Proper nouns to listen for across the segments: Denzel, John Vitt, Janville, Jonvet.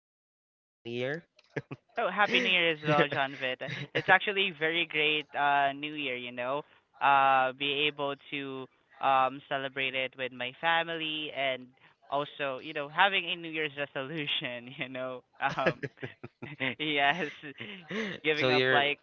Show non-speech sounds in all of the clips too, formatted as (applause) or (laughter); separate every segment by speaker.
Speaker 1: by the way? Happy New Year. (laughs)
Speaker 2: Oh, happy New Year as well, Jonvet. It's actually very great New Year, be able to celebrate it with my family and also, you know, having a New Year's resolution. (laughs) (laughs) Yes, giving
Speaker 1: So
Speaker 2: up
Speaker 1: you're
Speaker 2: like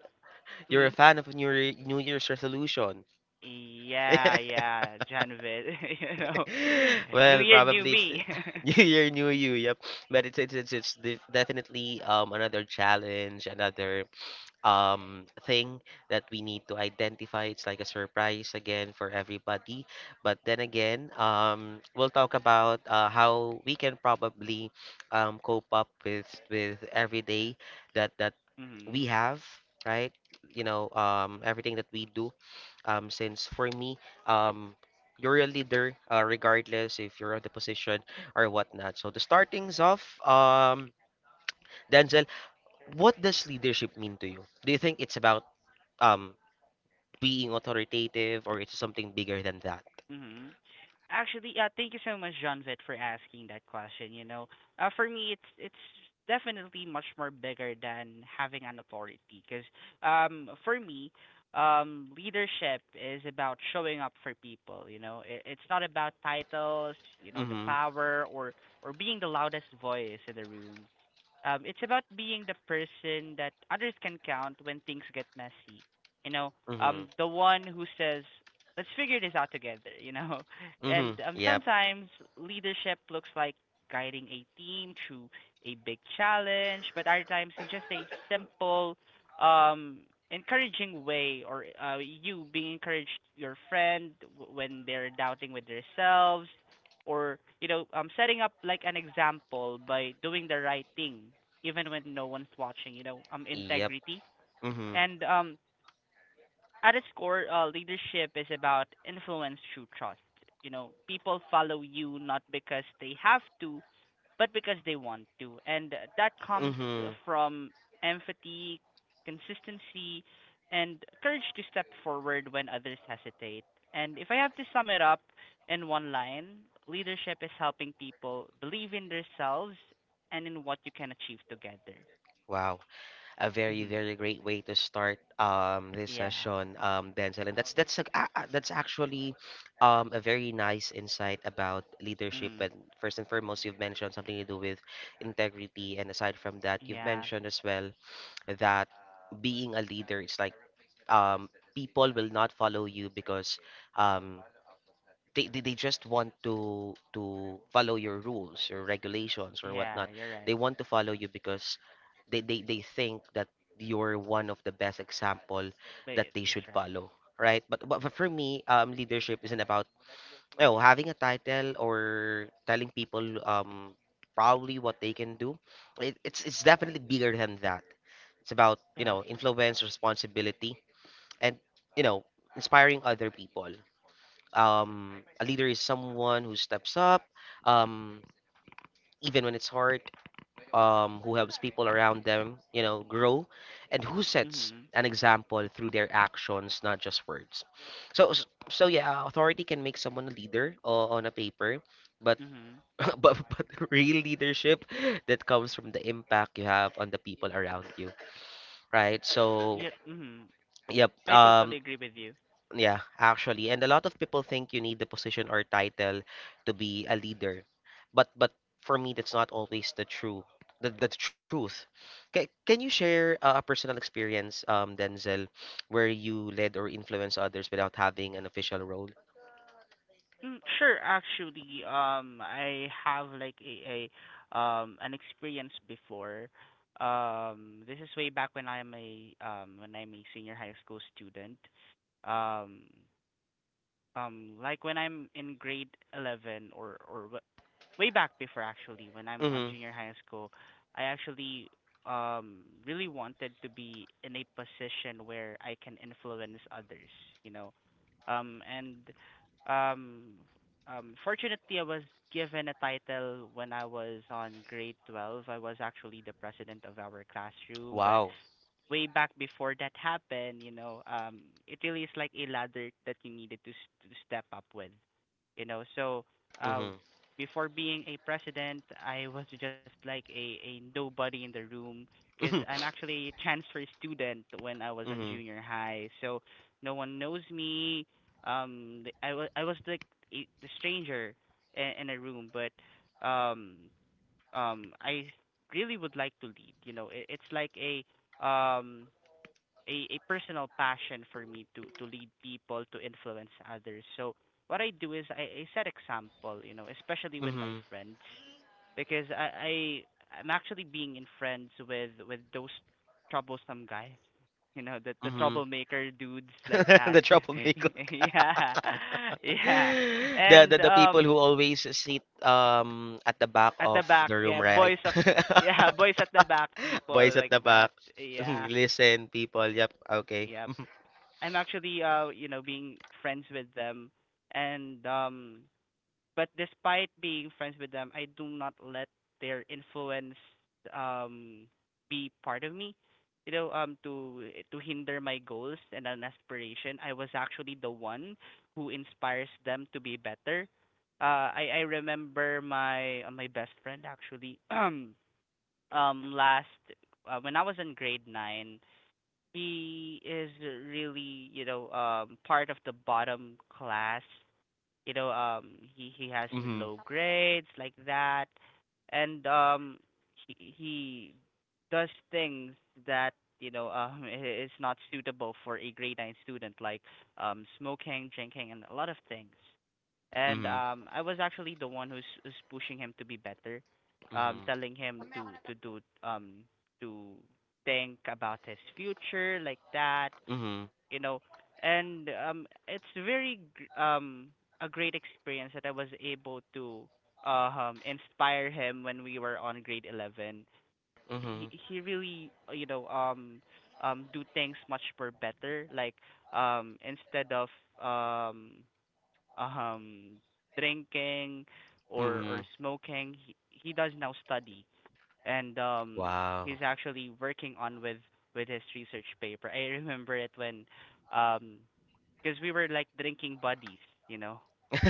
Speaker 1: you're a
Speaker 2: mhm.
Speaker 1: fan of New Year, New Year's resolution.
Speaker 2: Yeah,
Speaker 1: (laughs)
Speaker 2: yeah, Janville. (laughs) you know, (laughs) New
Speaker 1: Well,
Speaker 2: Year, new
Speaker 1: probably it's
Speaker 2: me. (laughs)
Speaker 1: (laughs) New Year, New You. Yep, but it's definitely another challenge, another thing that we need to identify. It's like a surprise again for everybody, but then again, we'll talk about how we can probably cope up with every day that we
Speaker 2: mhm.
Speaker 1: have, right? Everything that we do, since for me, um you're a leader, regardless if you're on the position or whatnot. So to start things off, Denzel, what does leadership mean to you? Do you think it's about um being authoritative, or it's something bigger than that?
Speaker 2: Mhm. Actually, thank you so much, Jonvet, for asking that question. You know, for me, it's definitely much more bigger than having an authority, because for me, leadership is about showing up for people. You know, it's not about titles, you know, the
Speaker 1: Mm-hmm.
Speaker 2: power or being the loudest voice in the room. It's about being the person that others can count when things get messy. You know,
Speaker 1: Mm-hmm.
Speaker 2: the one who says let's figure this out together, you know? (laughs)
Speaker 1: Mm-hmm.
Speaker 2: And
Speaker 1: Yep.
Speaker 2: sometimes leadership looks like guiding a team through a big challenge, but other times it's just a simple, um, encouraging way, or you being encouraged your friend when they're doubting with themselves, or you know, setting up like an example by doing the right thing even when no one's watching. You know,
Speaker 1: Yep.
Speaker 2: integrity
Speaker 1: Mm-hmm.
Speaker 2: and at its core, leadership is about influence through trust. You know, people follow you not because they have to, but because they want to. And that comes
Speaker 1: Mm-hmm.
Speaker 2: from empathy, consistency, and courage to step forward when others hesitate. And if I have to sum it up in one line, leadership is helping people believe in themselves and in what you can achieve together.
Speaker 1: Wow. A very, very
Speaker 2: (laughs)
Speaker 1: great way to start this
Speaker 2: yeah.
Speaker 1: session, Denzel. And that's actually a very nice insight about leadership.
Speaker 2: Mm.
Speaker 1: And first and foremost, you've mentioned something to do with integrity. And aside from that, you've
Speaker 2: Yeah.
Speaker 1: mentioned as well that being a leader, it's like, um, people will not follow you because, um, they just want to follow your rules, your regulations, or
Speaker 2: Yeah,
Speaker 1: whatnot.
Speaker 2: you're right.
Speaker 1: They want to follow you because they think that you're one of the best example that
Speaker 2: Wait,
Speaker 1: they
Speaker 2: that's
Speaker 1: should
Speaker 2: right.
Speaker 1: follow, right? But for me, leadership isn't about oh having a title or telling people probably what they can do. It's definitely bigger than that. It's about
Speaker 2: Yes.
Speaker 1: influence, responsibility, and you know inspiring other people. A leader is someone who steps up, um even when it's hard, who helps people around them grow, and who sets
Speaker 2: Mhm.
Speaker 1: an example through their actions, not just words. So so yeah, authority can make someone a leader on a paper, but
Speaker 2: Mhm.
Speaker 1: (laughs) but real leadership, that comes from the impact you have on the people around you, right? So
Speaker 2: Yeah. Mhm.
Speaker 1: yep
Speaker 2: I
Speaker 1: um
Speaker 2: totally agree with you.
Speaker 1: Yeah, actually, and a lot of people think you need the position or title to be a leader, but for me, that's not always the true the truth. Can you share a personal experience, Denzel, where you led or influenced others without having an official role?
Speaker 2: Mm, sure. Actually, I have like a an experience before. This is way back when I'm a senior high school student. Um, like when I'm in grade 11 or way back before actually when I'm on
Speaker 1: Mm-hmm.
Speaker 2: junior high school, I actually really wanted to be in a position where I can influence others, you know. And um Fortunately I was given a title when I was on grade 12. I was actually the president of our classroom, but
Speaker 1: Wow.
Speaker 2: way back before that happened, you know, it really is like a ladder that you needed to to step up with, you know. So uh,
Speaker 1: Mm-hmm.
Speaker 2: before being a president, I was just like a nobody in the room because I'm
Speaker 1: (laughs)
Speaker 2: actually a transfer student when I was on
Speaker 1: Mm-hmm.
Speaker 2: junior high. So no one knows me. I was the the stranger in a room, but um I really would like to lead. You know, it, it's like um a personal passion for me to lead people, to influence others. So what I do is I set example, you know, especially with my
Speaker 1: Mm-hmm.
Speaker 2: friends, because I I'm actually being in friends with those troublesome guys, you know, the
Speaker 1: Mm-hmm.
Speaker 2: troublemaker dudes
Speaker 1: (laughs)
Speaker 2: like that.
Speaker 1: The troublemaker.
Speaker 2: (laughs) yeah. (laughs) yeah.
Speaker 1: (laughs) The, the
Speaker 2: And
Speaker 1: the people who always sit at the back
Speaker 2: at the
Speaker 1: of
Speaker 2: back,
Speaker 1: the room,
Speaker 2: yeah,
Speaker 1: right?
Speaker 2: boys of yeah (laughs)
Speaker 1: (laughs)
Speaker 2: boys at the back,
Speaker 1: (laughs)
Speaker 2: people
Speaker 1: Boys at
Speaker 2: like
Speaker 1: the back.
Speaker 2: that.
Speaker 1: (laughs)
Speaker 2: Yeah.
Speaker 1: Listen, people. Yep. Okay.
Speaker 2: Yep.
Speaker 1: (laughs)
Speaker 2: I'm actually you know being friends with them, and but despite being friends with them I do not let their influence um be part of me, you know, to hinder my goals and an aspiration. I was actually the one who inspires them to be better. I remember my my best friend actually (clears throat) last, when I was in grade 9, he is really, you know, part of the bottom class. You know, he has
Speaker 1: Mhm.
Speaker 2: low grades like that, and he does things that you know is not suitable for a grade nine student, like smoking, drinking, and a lot of things. And
Speaker 1: Mhm.
Speaker 2: I was actually the one who's pushing him to be better,
Speaker 1: Mhm.
Speaker 2: telling him to do to think about his future like that,
Speaker 1: Mhm.
Speaker 2: you know, and it's very a great experience that I was able to inspire him when we were on grade 11. He
Speaker 1: Mhm.
Speaker 2: he really you know do things much per better, like instead of um um drinking or
Speaker 1: Mhm.
Speaker 2: smoking, he does now study, and he's
Speaker 1: Wow.
Speaker 2: actually working on with his research paper. I remember it when um because we were like drinking buddies, you know.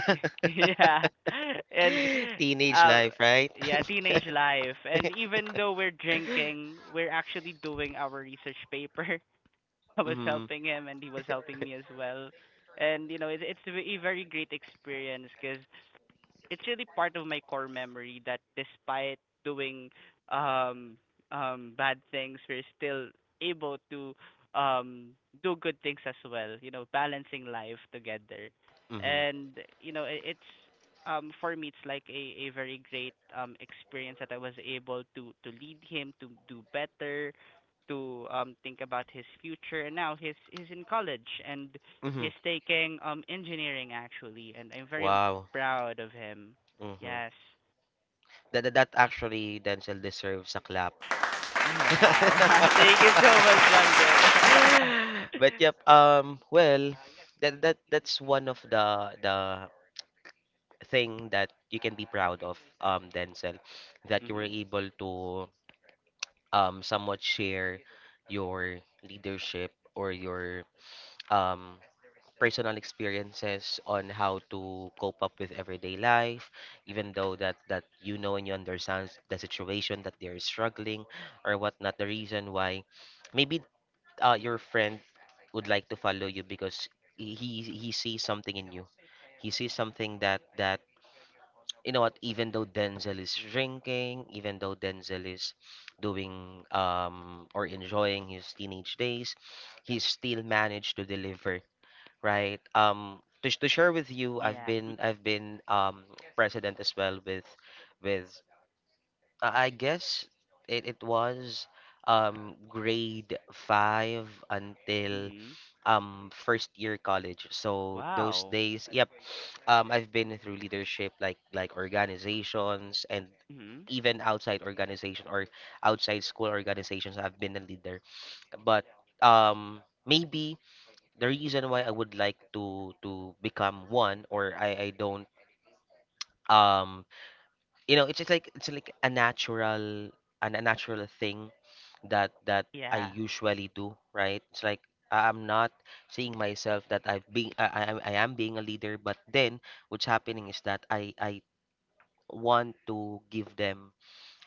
Speaker 2: (laughs) yeah. (laughs) and
Speaker 1: Teenage
Speaker 2: um
Speaker 1: life, right?
Speaker 2: yeah, teenage
Speaker 1: (laughs)
Speaker 2: life, and even though we're drinking we're actually doing our research paper. (laughs) I was
Speaker 1: Mhm.
Speaker 2: helping him and he was helping me as well. And you know, it, it's a very great experience because it's really part of my core memory that despite doing um bad things we're still able to um do good things as well, you know, balancing life together.
Speaker 1: Mhm.
Speaker 2: And you know, it's for me it's like a very great experience that I was able to lead him to do better, to think about his future. And now he's in college and
Speaker 1: Mhm.
Speaker 2: he's taking engineering actually and I'm very
Speaker 1: Wow.
Speaker 2: proud of him.
Speaker 1: Mhm.
Speaker 2: Yes.
Speaker 1: That actually Denzel deserves a clap.
Speaker 2: Yeah. (laughs)
Speaker 1: (laughs)
Speaker 2: Wow. Thank you so much, Jonathan.
Speaker 1: (laughs) But yep, well, that's one of the thing that you can be proud of, Denzel,
Speaker 2: (laughs)
Speaker 1: that you were
Speaker 2: mhm.
Speaker 1: able to somewhat share your leadership or your, um, personal experiences on how to cope up with everyday life, even though that you know and you understand the situation that they're struggling or whatnot, the reason why maybe your friend would like to follow you because he sees something in you. He sees something that you know what, even though Denzel is drinking, even though Denzel is doing or enjoying his teenage days, he still managed to deliver, right? To share with you, I've
Speaker 2: Yeah.
Speaker 1: been I've been um president as well with, I guess, it was grade five until
Speaker 2: Mhm.
Speaker 1: first year college. So those
Speaker 2: Wow.
Speaker 1: days, yep, I've been through leadership, like organizations, and
Speaker 2: Mhm.
Speaker 1: even outside organization or outside school organizations I've been a leader. But maybe the reason why I would like to become one, or I don't, um it's just like a natural thing that I
Speaker 2: Yeah.
Speaker 1: usually do, right? It's like I'm not seeing myself that I've been I am being a leader, but then what's happening is that I want to give them,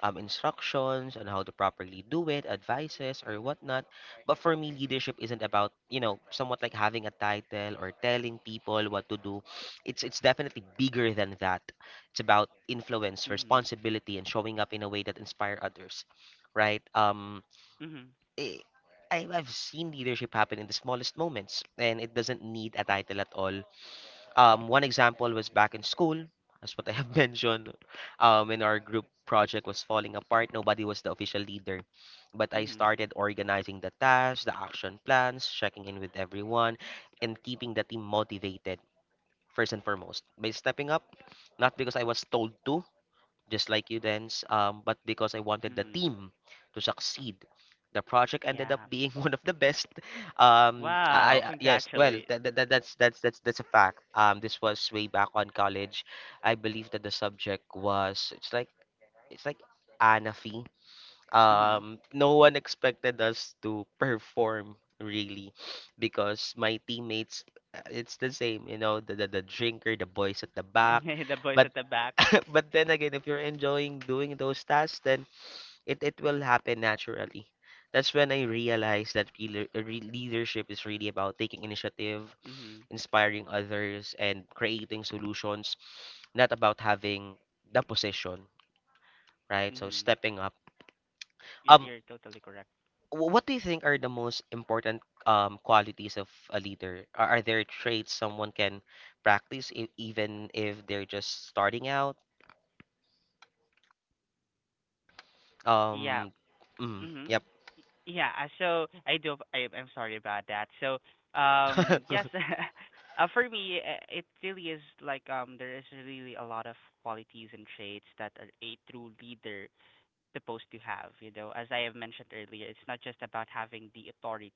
Speaker 1: instructions on how to properly do it, advices or whatnot. But for me, leadership isn't about somewhat like having a title or telling people what to do. It's definitely bigger than that. It's about influence,
Speaker 2: Mhm.
Speaker 1: responsibility, and showing up in a way that inspire others, right?
Speaker 2: Mhm.
Speaker 1: Eh, I've seen leadership happen in the smallest moments, and it doesn't need a title at all. One example was back in school, as what I have (laughs) mentioned, when our group project was falling apart, nobody was the official leader. But I
Speaker 2: Mhm.
Speaker 1: started organizing the tasks, the action plans, checking in with everyone, and keeping the team motivated, first and foremost, by stepping up, not because I was told to, just like you, Dance. But because I wanted the
Speaker 2: Mhm.
Speaker 1: team to succeed, the project ended up
Speaker 2: Yeah.
Speaker 1: being (laughs) one of the best.
Speaker 2: Wow.
Speaker 1: Yes, well,
Speaker 2: Congratulate.
Speaker 1: that's a fact. This was way back on college. I believe that the subject was, it's like Anafi.
Speaker 2: Mhm.
Speaker 1: No one expected us to perform really (sniffs) because my teammates, it's the same, the drinker, the boys at the back,
Speaker 2: (laughs) the boys
Speaker 1: but
Speaker 2: at the back.
Speaker 1: (laughs) but then again, if you're enjoying doing those tasks, then it will happen naturally. That's when I realized that, leadership is really about taking initiative,
Speaker 2: Mhm.
Speaker 1: inspiring others, and creating solutions, not about having the position, right? So
Speaker 2: Mhm.
Speaker 1: stepping up. um
Speaker 2: You're totally correct.
Speaker 1: wh- what do you think are the most important, qualities of a leader? Are there traits someone can practice even if they're just starting out?
Speaker 2: Yeah.
Speaker 1: Um, mm,
Speaker 2: Mhm.
Speaker 1: yep.
Speaker 2: Yeah, so I do. I'm sorry about that. So,
Speaker 1: (laughs)
Speaker 2: yes,
Speaker 1: Mm-hmm,
Speaker 2: (laughs) for me, it really is like there is really a lot of qualities and traits that are a true leader supposed to have. You know, as I have mentioned earlier, it's not just about having the authority,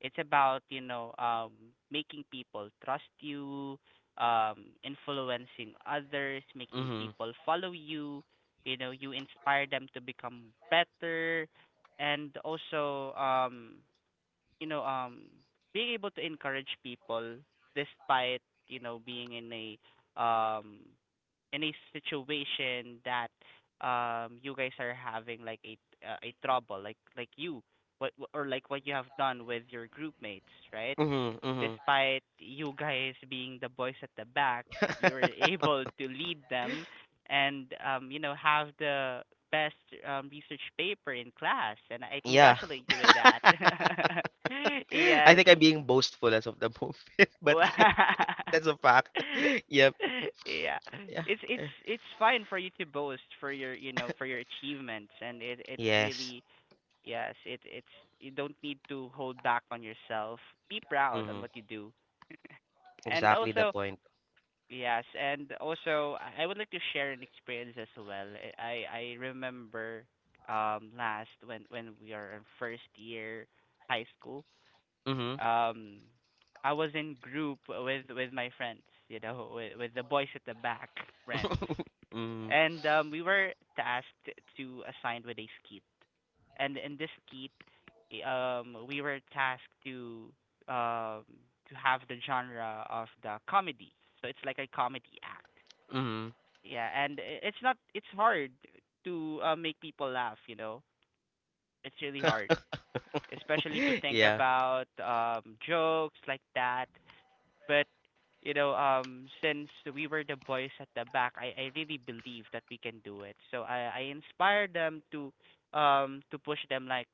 Speaker 2: it's about, you know, making people trust you, influencing others, making people follow you. You know, you inspire them to become better, and also, you know, being able to encourage people despite, you know, being in a um any situation that you guys are having, like a trouble, like you what or like what you have done with your group mates, right?
Speaker 1: mm-hmm, mm-hmm.
Speaker 2: Despite you guys being the boys at the back, you're
Speaker 1: (laughs)
Speaker 2: able to lead them and you know have the best research paper in class, and I
Speaker 1: Yeah.
Speaker 2: congratulate you with that.
Speaker 1: (laughs)
Speaker 2: (laughs)
Speaker 1: I
Speaker 2: yes.
Speaker 1: think I'm being boastful as of the moment, (laughs) but yeah, that's a fact. (laughs) Yep.
Speaker 2: (laughs) yeah.
Speaker 1: Yeah. eh.
Speaker 2: It's fine for you to boast for your you know for your achievements, and it's
Speaker 1: Yes.
Speaker 2: really yes it it's you don't need to hold back on yourself. Be proud on
Speaker 1: Mm-hmm.
Speaker 2: what you do. And
Speaker 1: Exactly the
Speaker 2: also
Speaker 1: point.
Speaker 2: yes, and also I would like to share an experience as well. I remember last when we are in first year high school,
Speaker 1: Mm-hmm.
Speaker 2: um I was in group with my friends, you know, with the boys at the back friends,
Speaker 1: (laughs)
Speaker 2: and we were tasked to assign with a skit, and in this skit, i- we were tasked to um have the genre of the comedy, so it's like a comedy act.
Speaker 1: Mm-hmm.
Speaker 2: Yeah, and it's not it's hard to make people laugh, you know, it's really hard, especially to
Speaker 1: (laughs)
Speaker 2: think
Speaker 1: Yeah.
Speaker 2: about jokes like that. But you know, since we were the boys at the back, I really believe that we can do it. So I inspired them to push them, like,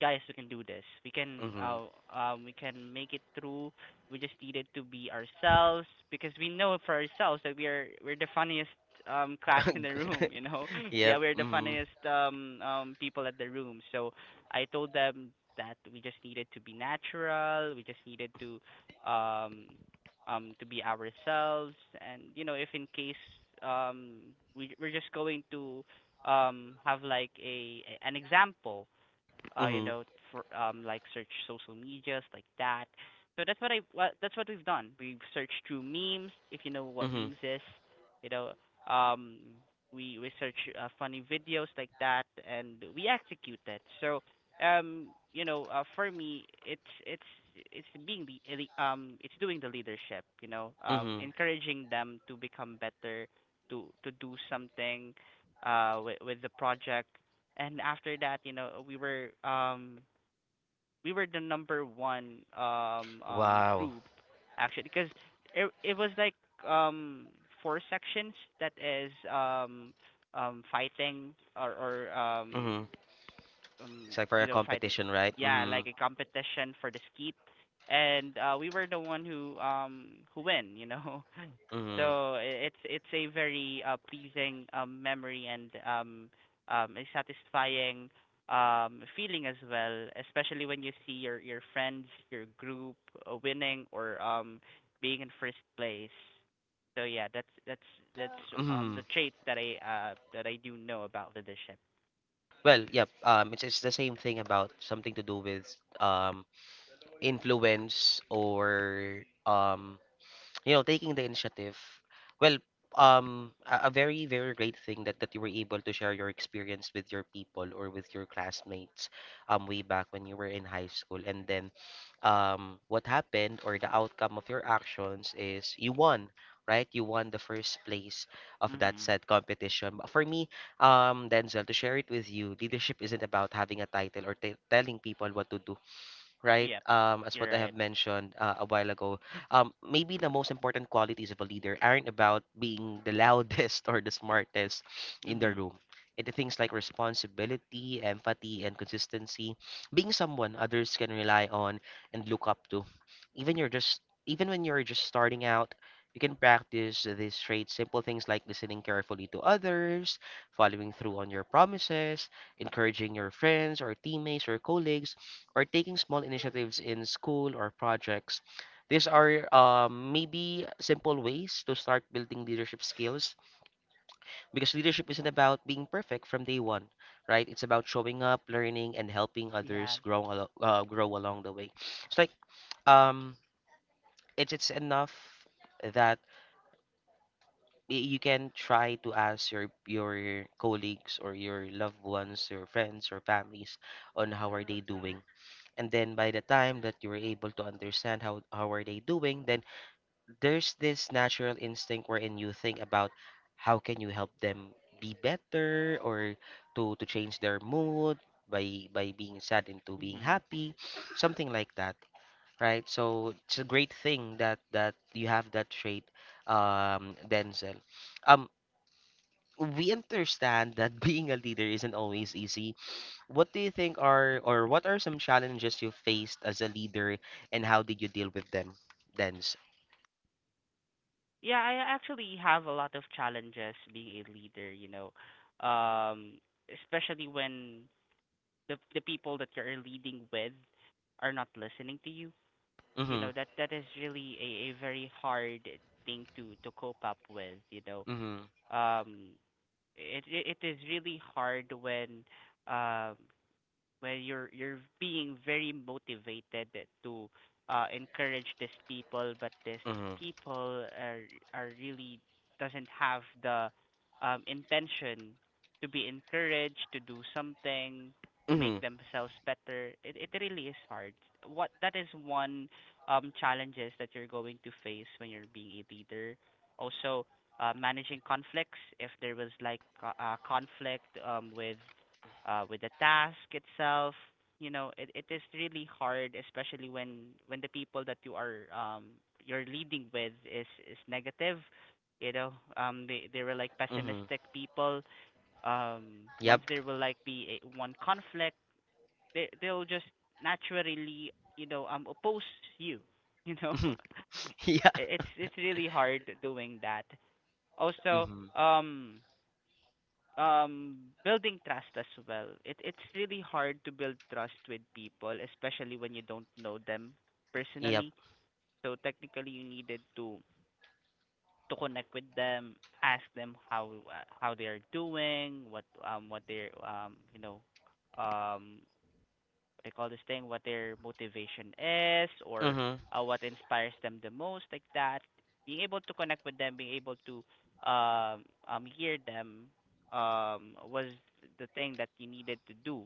Speaker 2: guys, we can do this.
Speaker 1: Mm-hmm.
Speaker 2: We can make it through. We just needed to be ourselves because we know for ourselves that we're the funniest (laughs) class in the room,
Speaker 1: (laughs)
Speaker 2: you know. (laughs) yeah,
Speaker 1: Yep.
Speaker 2: we're the
Speaker 1: Mhm.
Speaker 2: funniest people at the room. So I told them that we just needed to be natural. We just needed to um be ourselves. And you know, if in case um we we're just going to have like an example, you
Speaker 1: Mhm.
Speaker 2: know, for like search social media, like that. So that's what I what that's what we've done. We've searched through memes, if you know what
Speaker 1: Mhm.
Speaker 2: memes is, you know, um we search funny videos like that and we execute that. Um for me it's it's being it's doing the leadership,
Speaker 1: Mhm.
Speaker 2: encouraging them to become better, to do something with the project. And after that, we were the number one
Speaker 1: Wow.
Speaker 2: group actually, because it was like um four sections that is fighting or or um
Speaker 1: Mhm.
Speaker 2: um
Speaker 1: It's like for
Speaker 2: you
Speaker 1: a
Speaker 2: know fighting.
Speaker 1: competition, right?
Speaker 2: Yeah,
Speaker 1: Mhm.
Speaker 2: like a competition for the skeet, and we were the one who win, you know. (laughs)
Speaker 1: Mhm.
Speaker 2: So it's a very pleasing memory, and a satisfying feeling as well, especially when you see your friends, your group, winning or being in first place. So yeah, that's the
Speaker 1: Mhm.
Speaker 2: trait that I that I do know about leadership.
Speaker 1: Well, yep. It's the same thing about something to do with, um influence, or taking the initiative. Well, a very, very great thing that, you were able to share your experience with your people or with your classmates, way back when you were in high school. And then, what happened or the outcome of your actions is you won, right? You won the first place of that
Speaker 2: Mhm.
Speaker 1: said competition. But for me, Denzel, to share it with you, leadership isn't about having a title or telling people what to do, right?
Speaker 2: Yep,
Speaker 1: As
Speaker 2: you're
Speaker 1: what I
Speaker 2: right.
Speaker 1: have mentioned, a while ago, maybe the most important qualities of a leader aren't about being the loudest (laughs) or the smartest in the
Speaker 2: Mhm.
Speaker 1: room. Into things like responsibility, empathy, and consistency, being someone others can rely on and look up to. Even you're just even when you're just starting out, you can practice these traits. Simple things like listening carefully to others, following through on your promises, encouraging your friends or teammates or colleagues, or taking small initiatives in school or projects. These are, maybe simple ways to start building leadership skills, because leadership isn't about being perfect from day one, right? It's about showing up, learning, and helping
Speaker 2: Yeah.
Speaker 1: others grow along the way. It's like, um, it's enough that you can try to ask your colleagues or your loved ones, your friends or families, on how are they doing. And then by the time that you were able to understand how are they doing, then there's this natural instinct wherein you think about how can you help them be better, or to change their mood, by being sad into being
Speaker 2: Mhm.
Speaker 1: happy, something like that, right? So it's a great thing that you have that trait, um denzel um we understand that (laughs) being a leader isn't always easy. What do you think are or what are some challenges you faced as a leader, and how did you deal with them, Dens?
Speaker 2: Yeah, I actually have a lot of challenges being a leader, you know. Um Especially when the people that you're leading with are not listening to you. You
Speaker 1: Mm-hmm.
Speaker 2: know, that is really a very hard thing to cope up with, you know.
Speaker 1: Mm-hmm.
Speaker 2: Um it it, it is really hard when, um where you're being very motivated to encourage these people, but these
Speaker 1: Mm-hmm.
Speaker 2: people are really doesn't have the intention to be encouraged to do something to make
Speaker 1: Mm-hmm.
Speaker 2: themselves better. It really is hard. What that is one challenges that you're going to face when you're being a leader. Also, managing conflicts, if there was like a conflict with the task itself. You know, it is really hard, especially when the people that you are you're leading with is negative. You know, they were like
Speaker 1: Mm-hmm.
Speaker 2: pessimistic people. Once
Speaker 1: Yep.
Speaker 2: there will like be a, one conflict, they they'll just naturally, you know, oppose you. You know. (laughs)
Speaker 1: (laughs) Yeah.
Speaker 2: It- it's really hard doing that. Also,
Speaker 1: Mm-hmm.
Speaker 2: um, um building trust as well. It it's really hard to build trust with people, especially when you don't know them
Speaker 1: Yep.
Speaker 2: personally. So technically, you needed to connect with them, ask them how, how they are doing, what they um I call this thing, what their motivation is, or
Speaker 1: Mm-hmm.
Speaker 2: what inspires them the most, like that. Being able to connect with them, being able to hear them was the thing that you needed to do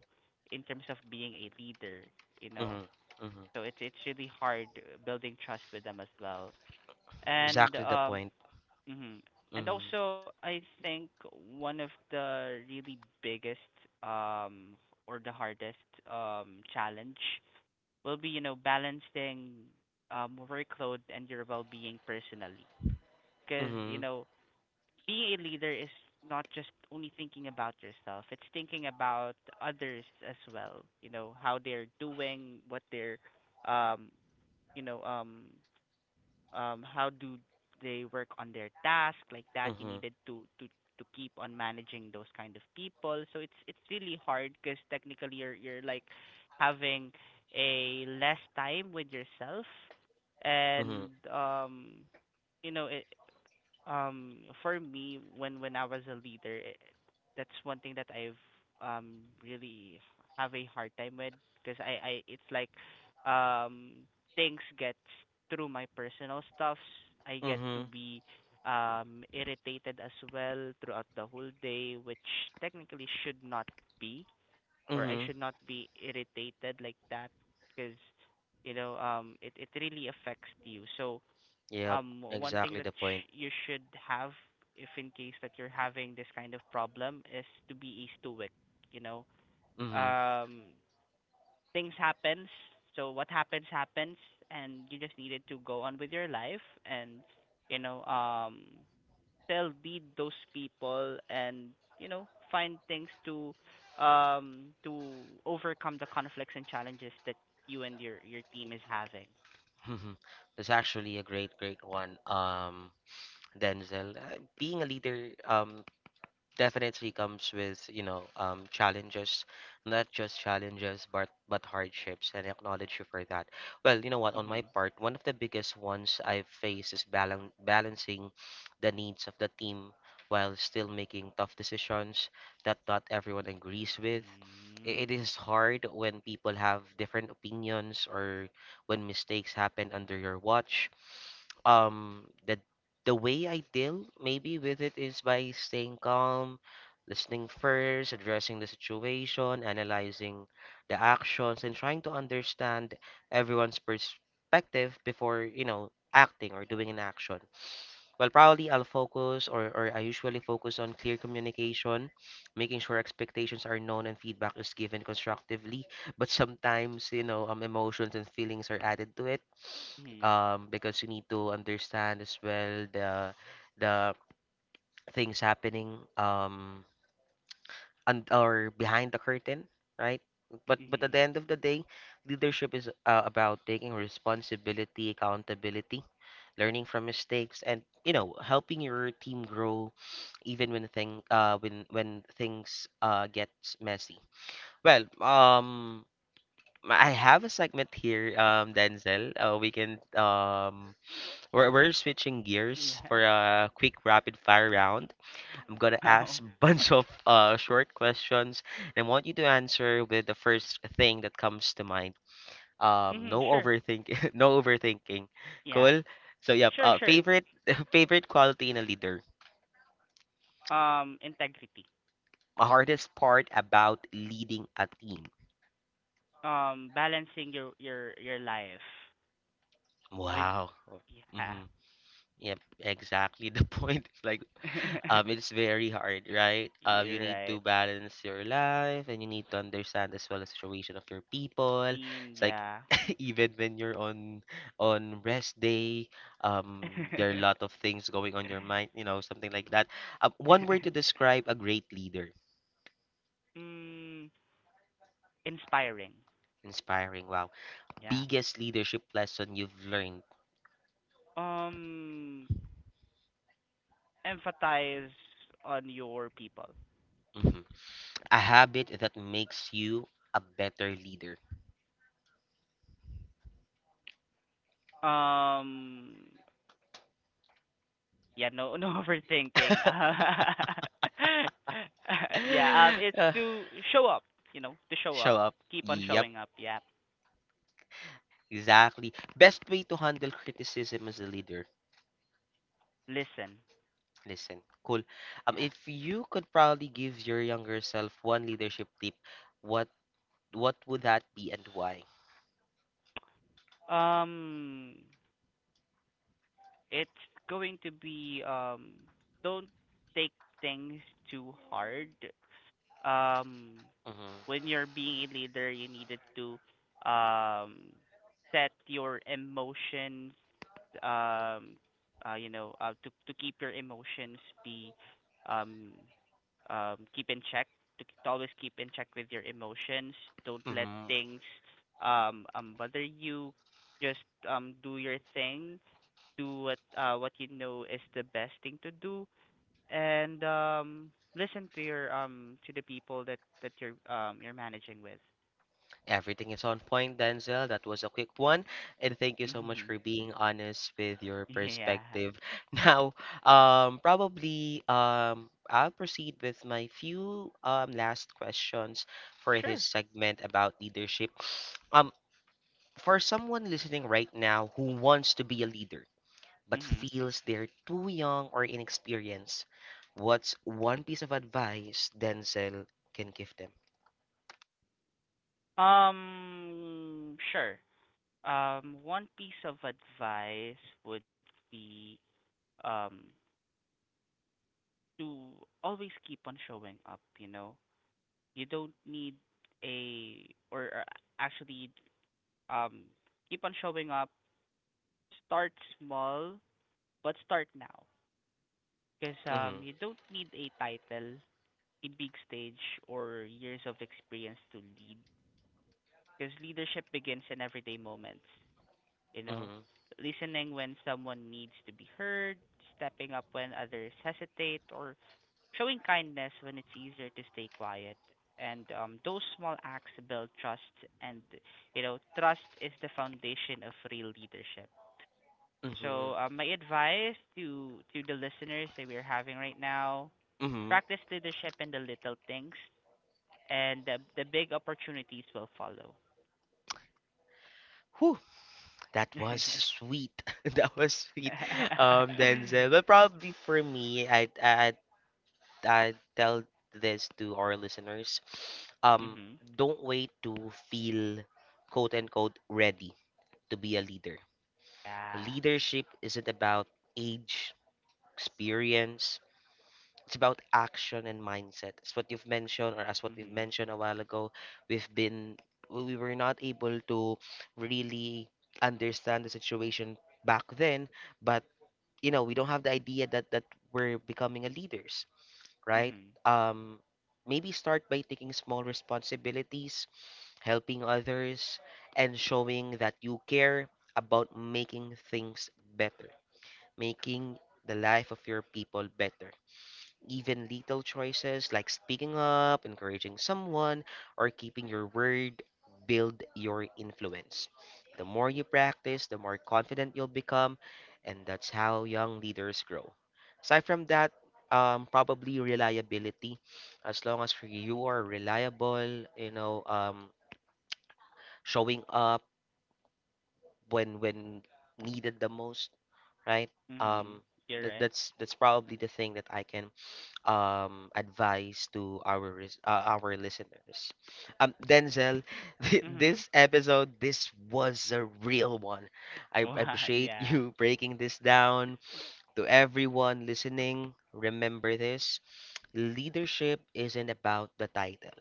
Speaker 2: in terms of being a leader, you know.
Speaker 1: Mm-hmm. Mm-hmm.
Speaker 2: So it's really hard, building trust with them as well, and
Speaker 1: Exactly the
Speaker 2: um
Speaker 1: point.
Speaker 2: mhm. And
Speaker 1: Mm-hmm.
Speaker 2: also I think one of the really biggest um or the hardest challenge will be, you know, balancing, workload and your well-being personally. Because, you
Speaker 1: Mm-hmm.
Speaker 2: know, being a leader is not just only thinking about yourself, it's thinking about others as well, you know, how they're doing, what they're, um, you know, um, how do they work on their task, like that. You
Speaker 1: Mm-hmm.
Speaker 2: needed to to keep on managing those kind of people, so it's really hard because technically you're like having a less time with yourself
Speaker 1: Mm-hmm.
Speaker 2: and you know it um for me, when I was a leader, that's one thing that I've really have a hard time with, because I it's like, um things get through my personal stuffs, I get to
Speaker 1: Mm-hmm.
Speaker 2: be irritated as well throughout the whole day, which technically should not be. Or I
Speaker 1: Mm-hmm.
Speaker 2: should not be irritated like that, because, you know, it it really affects you. So
Speaker 1: Yep.
Speaker 2: one thing
Speaker 1: Exactly
Speaker 2: that
Speaker 1: the point.
Speaker 2: you should have, if in case that you're having this kind of problem, is to be eased to, you know,
Speaker 1: Mm-hmm. (laughs)
Speaker 2: um things happens, so what happens happens. And you just needed to go on with your life and, you know, still be those people, and you know, find things to overcome the conflicts and challenges that you and your team is having.
Speaker 1: Mm-hmm. That's actually a great, great one. Denzel, being a leader, definitely comes with, challenges, not just challenges, but hardships, and I acknowledge you for that. Well, you know what, on my
Speaker 2: Mhm.
Speaker 1: part, one of the biggest ones I've faced is balancing the needs of the team while still making tough decisions that not everyone agrees with.
Speaker 2: Mhm.
Speaker 1: It is hard when people have different opinions or when mistakes happen under your watch. um the the way I deal maybe with it is by staying calm, listening first, addressing the situation, analyzing the actions, and trying to understand everyone's perspective before, you know, acting or doing an action. Well, probably I'll focus or I usually focus on clear communication, making sure expectations are known and feedback is given constructively, but sometimes, emotions and feelings are added to it
Speaker 2: Mhm.
Speaker 1: um, because you need to understand as well the the things happening and or behind the curtain, right? But at
Speaker 2: Mhm.
Speaker 1: the end of the day, leadership is about taking responsibility, accountability, learning from mistakes, and you know helping your team grow, even when thing when things gets messy. Well. I have a segment here, Denzel. We can We're switching gears
Speaker 2: Yeah.
Speaker 1: for a quick rapid fire round. I'm gonna (laughs)
Speaker 2: (laughs)
Speaker 1: ask
Speaker 2: Oh.
Speaker 1: a bunch of short questions, and I want you to answer with the first thing that comes to mind.
Speaker 2: Mhm,
Speaker 1: No
Speaker 2: sure.
Speaker 1: overthinking, (laughs) no overthinking.
Speaker 2: Yeah.
Speaker 1: Cool. So yep,
Speaker 2: Sure, sure.
Speaker 1: favorite (laughs) favorite quality in a leader.
Speaker 2: Integrity.
Speaker 1: Hardest part about leading a team.
Speaker 2: Balancing your your life with,
Speaker 1: Wow.
Speaker 2: yeah.
Speaker 1: Mm-hmm. Yep, exactly the (laughs) point. Like
Speaker 2: (laughs)
Speaker 1: it's very hard, right? You
Speaker 2: You're
Speaker 1: need to
Speaker 2: right.
Speaker 1: balance your life and you need to understand as well the situation of your people.
Speaker 2: Team,
Speaker 1: It's like
Speaker 2: yeah.
Speaker 1: (laughs) even when you're on rest day, there are a lot of things going on your mind, you know, something like that. One word to
Speaker 2: (laughs)
Speaker 1: describe a great leader.
Speaker 2: Mm, inspiring.
Speaker 1: Inspiring. Wow.
Speaker 2: Yeah.
Speaker 1: Biggest leadership lesson you've learned.
Speaker 2: Um Emphasize on your people.
Speaker 1: Mhm. A habit that makes you a better leader.
Speaker 2: Um Yeah, no, no (laughs) overthinking. (laughs) Yeah,
Speaker 1: (laughs)
Speaker 2: it's
Speaker 1: Uh,
Speaker 2: to show up, you know, to show up,
Speaker 1: show up.
Speaker 2: keep on
Speaker 1: Yep.
Speaker 2: showing up. Yeah,
Speaker 1: Exactly. Best way to handle criticism as a leader.
Speaker 2: listen.
Speaker 1: Listen, cool.
Speaker 2: Yeah.
Speaker 1: If you could probably give your younger self one leadership tip, what what would that be and why?
Speaker 2: Um, it's going to be, don't take things too hard. Um,
Speaker 1: Mm-hmm.
Speaker 2: when you're being a leader, you needed to um set your emotions, um to keep your emotions be um keep in check. To, to always keep in check with your emotions, don't let
Speaker 1: Mm-hmm.
Speaker 2: things bother you. Just do your thing, do what you know is the best thing to do. And listen to your, to the people that that you're managing with.
Speaker 1: Everything is on point, Denzel. That was a quick one, and thank you so much
Speaker 2: Mhm.
Speaker 1: for being honest with your
Speaker 2: (laughs) Yeah.
Speaker 1: perspective. (laughs) Now, probably I'll proceed with my few last questions for this
Speaker 2: Sure.
Speaker 1: segment about leadership. (sniffs) Um. For someone listening right now who wants to be a leader but
Speaker 2: Mhm.
Speaker 1: feels they're too young or inexperienced, what's one piece of advice Denzel can give them?
Speaker 2: Sure. One piece of advice would be, um to always keep on showing up, you know. You don't need a, or actually um keep on showing up. Start small, but start now. Because
Speaker 1: Mm-hmm.
Speaker 2: you don't need a title, a big stage, or years of experience to lead. Because leadership begins in everyday moments. You know,
Speaker 1: Mm-hmm.
Speaker 2: listening when someone needs to be heard, stepping up when others hesitate, or showing kindness when it's easier to stay quiet. And those small acts build trust, and you know, trust is the foundation of real leadership.
Speaker 1: Mm-hmm.
Speaker 2: So, my advice to the listeners that we're having right now:
Speaker 1: Mm-hmm.
Speaker 2: practice leadership in the little things, and the big opportunities will follow.
Speaker 1: Whew, that was
Speaker 2: (laughs)
Speaker 1: sweet. (laughs) That was sweet. Denzel. But probably for me, I tell this to our listeners. Um,
Speaker 2: Mhm.
Speaker 1: don't wait to feel quote unquote ready to be a leader.
Speaker 2: Yeah.
Speaker 1: Leadership isn't about age, experience. It's about action and mindset. It's what you've mentioned, or as what we've
Speaker 2: Mhm.
Speaker 1: mentioned a while ago, we've been we were not able to really understand the situation back then, but you know, we don't have the idea that we're becoming a leaders, right?
Speaker 2: Mhm.
Speaker 1: Um, maybe start by taking small responsibilities, helping others, and showing that you care about making things better, making the life of your people better. Even little choices like speaking up, encouraging someone, or keeping your word build your influence. The more you practice, the more confident you'll become, and that's how young leaders grow. Aside from that, probably reliability. As long as you are reliable, you know, showing up when needed the most, right?
Speaker 2: Mhm.
Speaker 1: Um,
Speaker 2: You're
Speaker 1: that,
Speaker 2: right.
Speaker 1: that's that's probably the thing that I can advise to our our listeners. Denzel, (laughs)
Speaker 2: Mhm.
Speaker 1: this
Speaker 2: (laughs)
Speaker 1: episode, this was a real one. I
Speaker 2: Wow.
Speaker 1: appreciate
Speaker 2: Yeah.
Speaker 1: you (laughs) breaking this down to everyone listening, remember this leadership isn't about the title,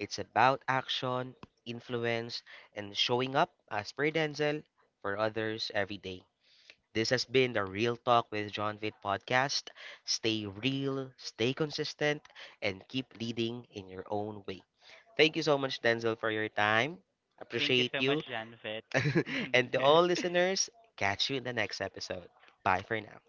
Speaker 1: it's about action, influence, and showing up as per Denzel for others every day. This has been the Real Talk with John Vitt podcast. Stay real, stay consistent, and keep leading in your own way. Thank you so much, Denzel, for your time.
Speaker 2: Thank you
Speaker 1: Appreciate
Speaker 2: so much,
Speaker 1: you.
Speaker 2: Janvet.
Speaker 1: (laughs) And to all
Speaker 2: (laughs)
Speaker 1: listeners, catch you in the next episode. Bye for now.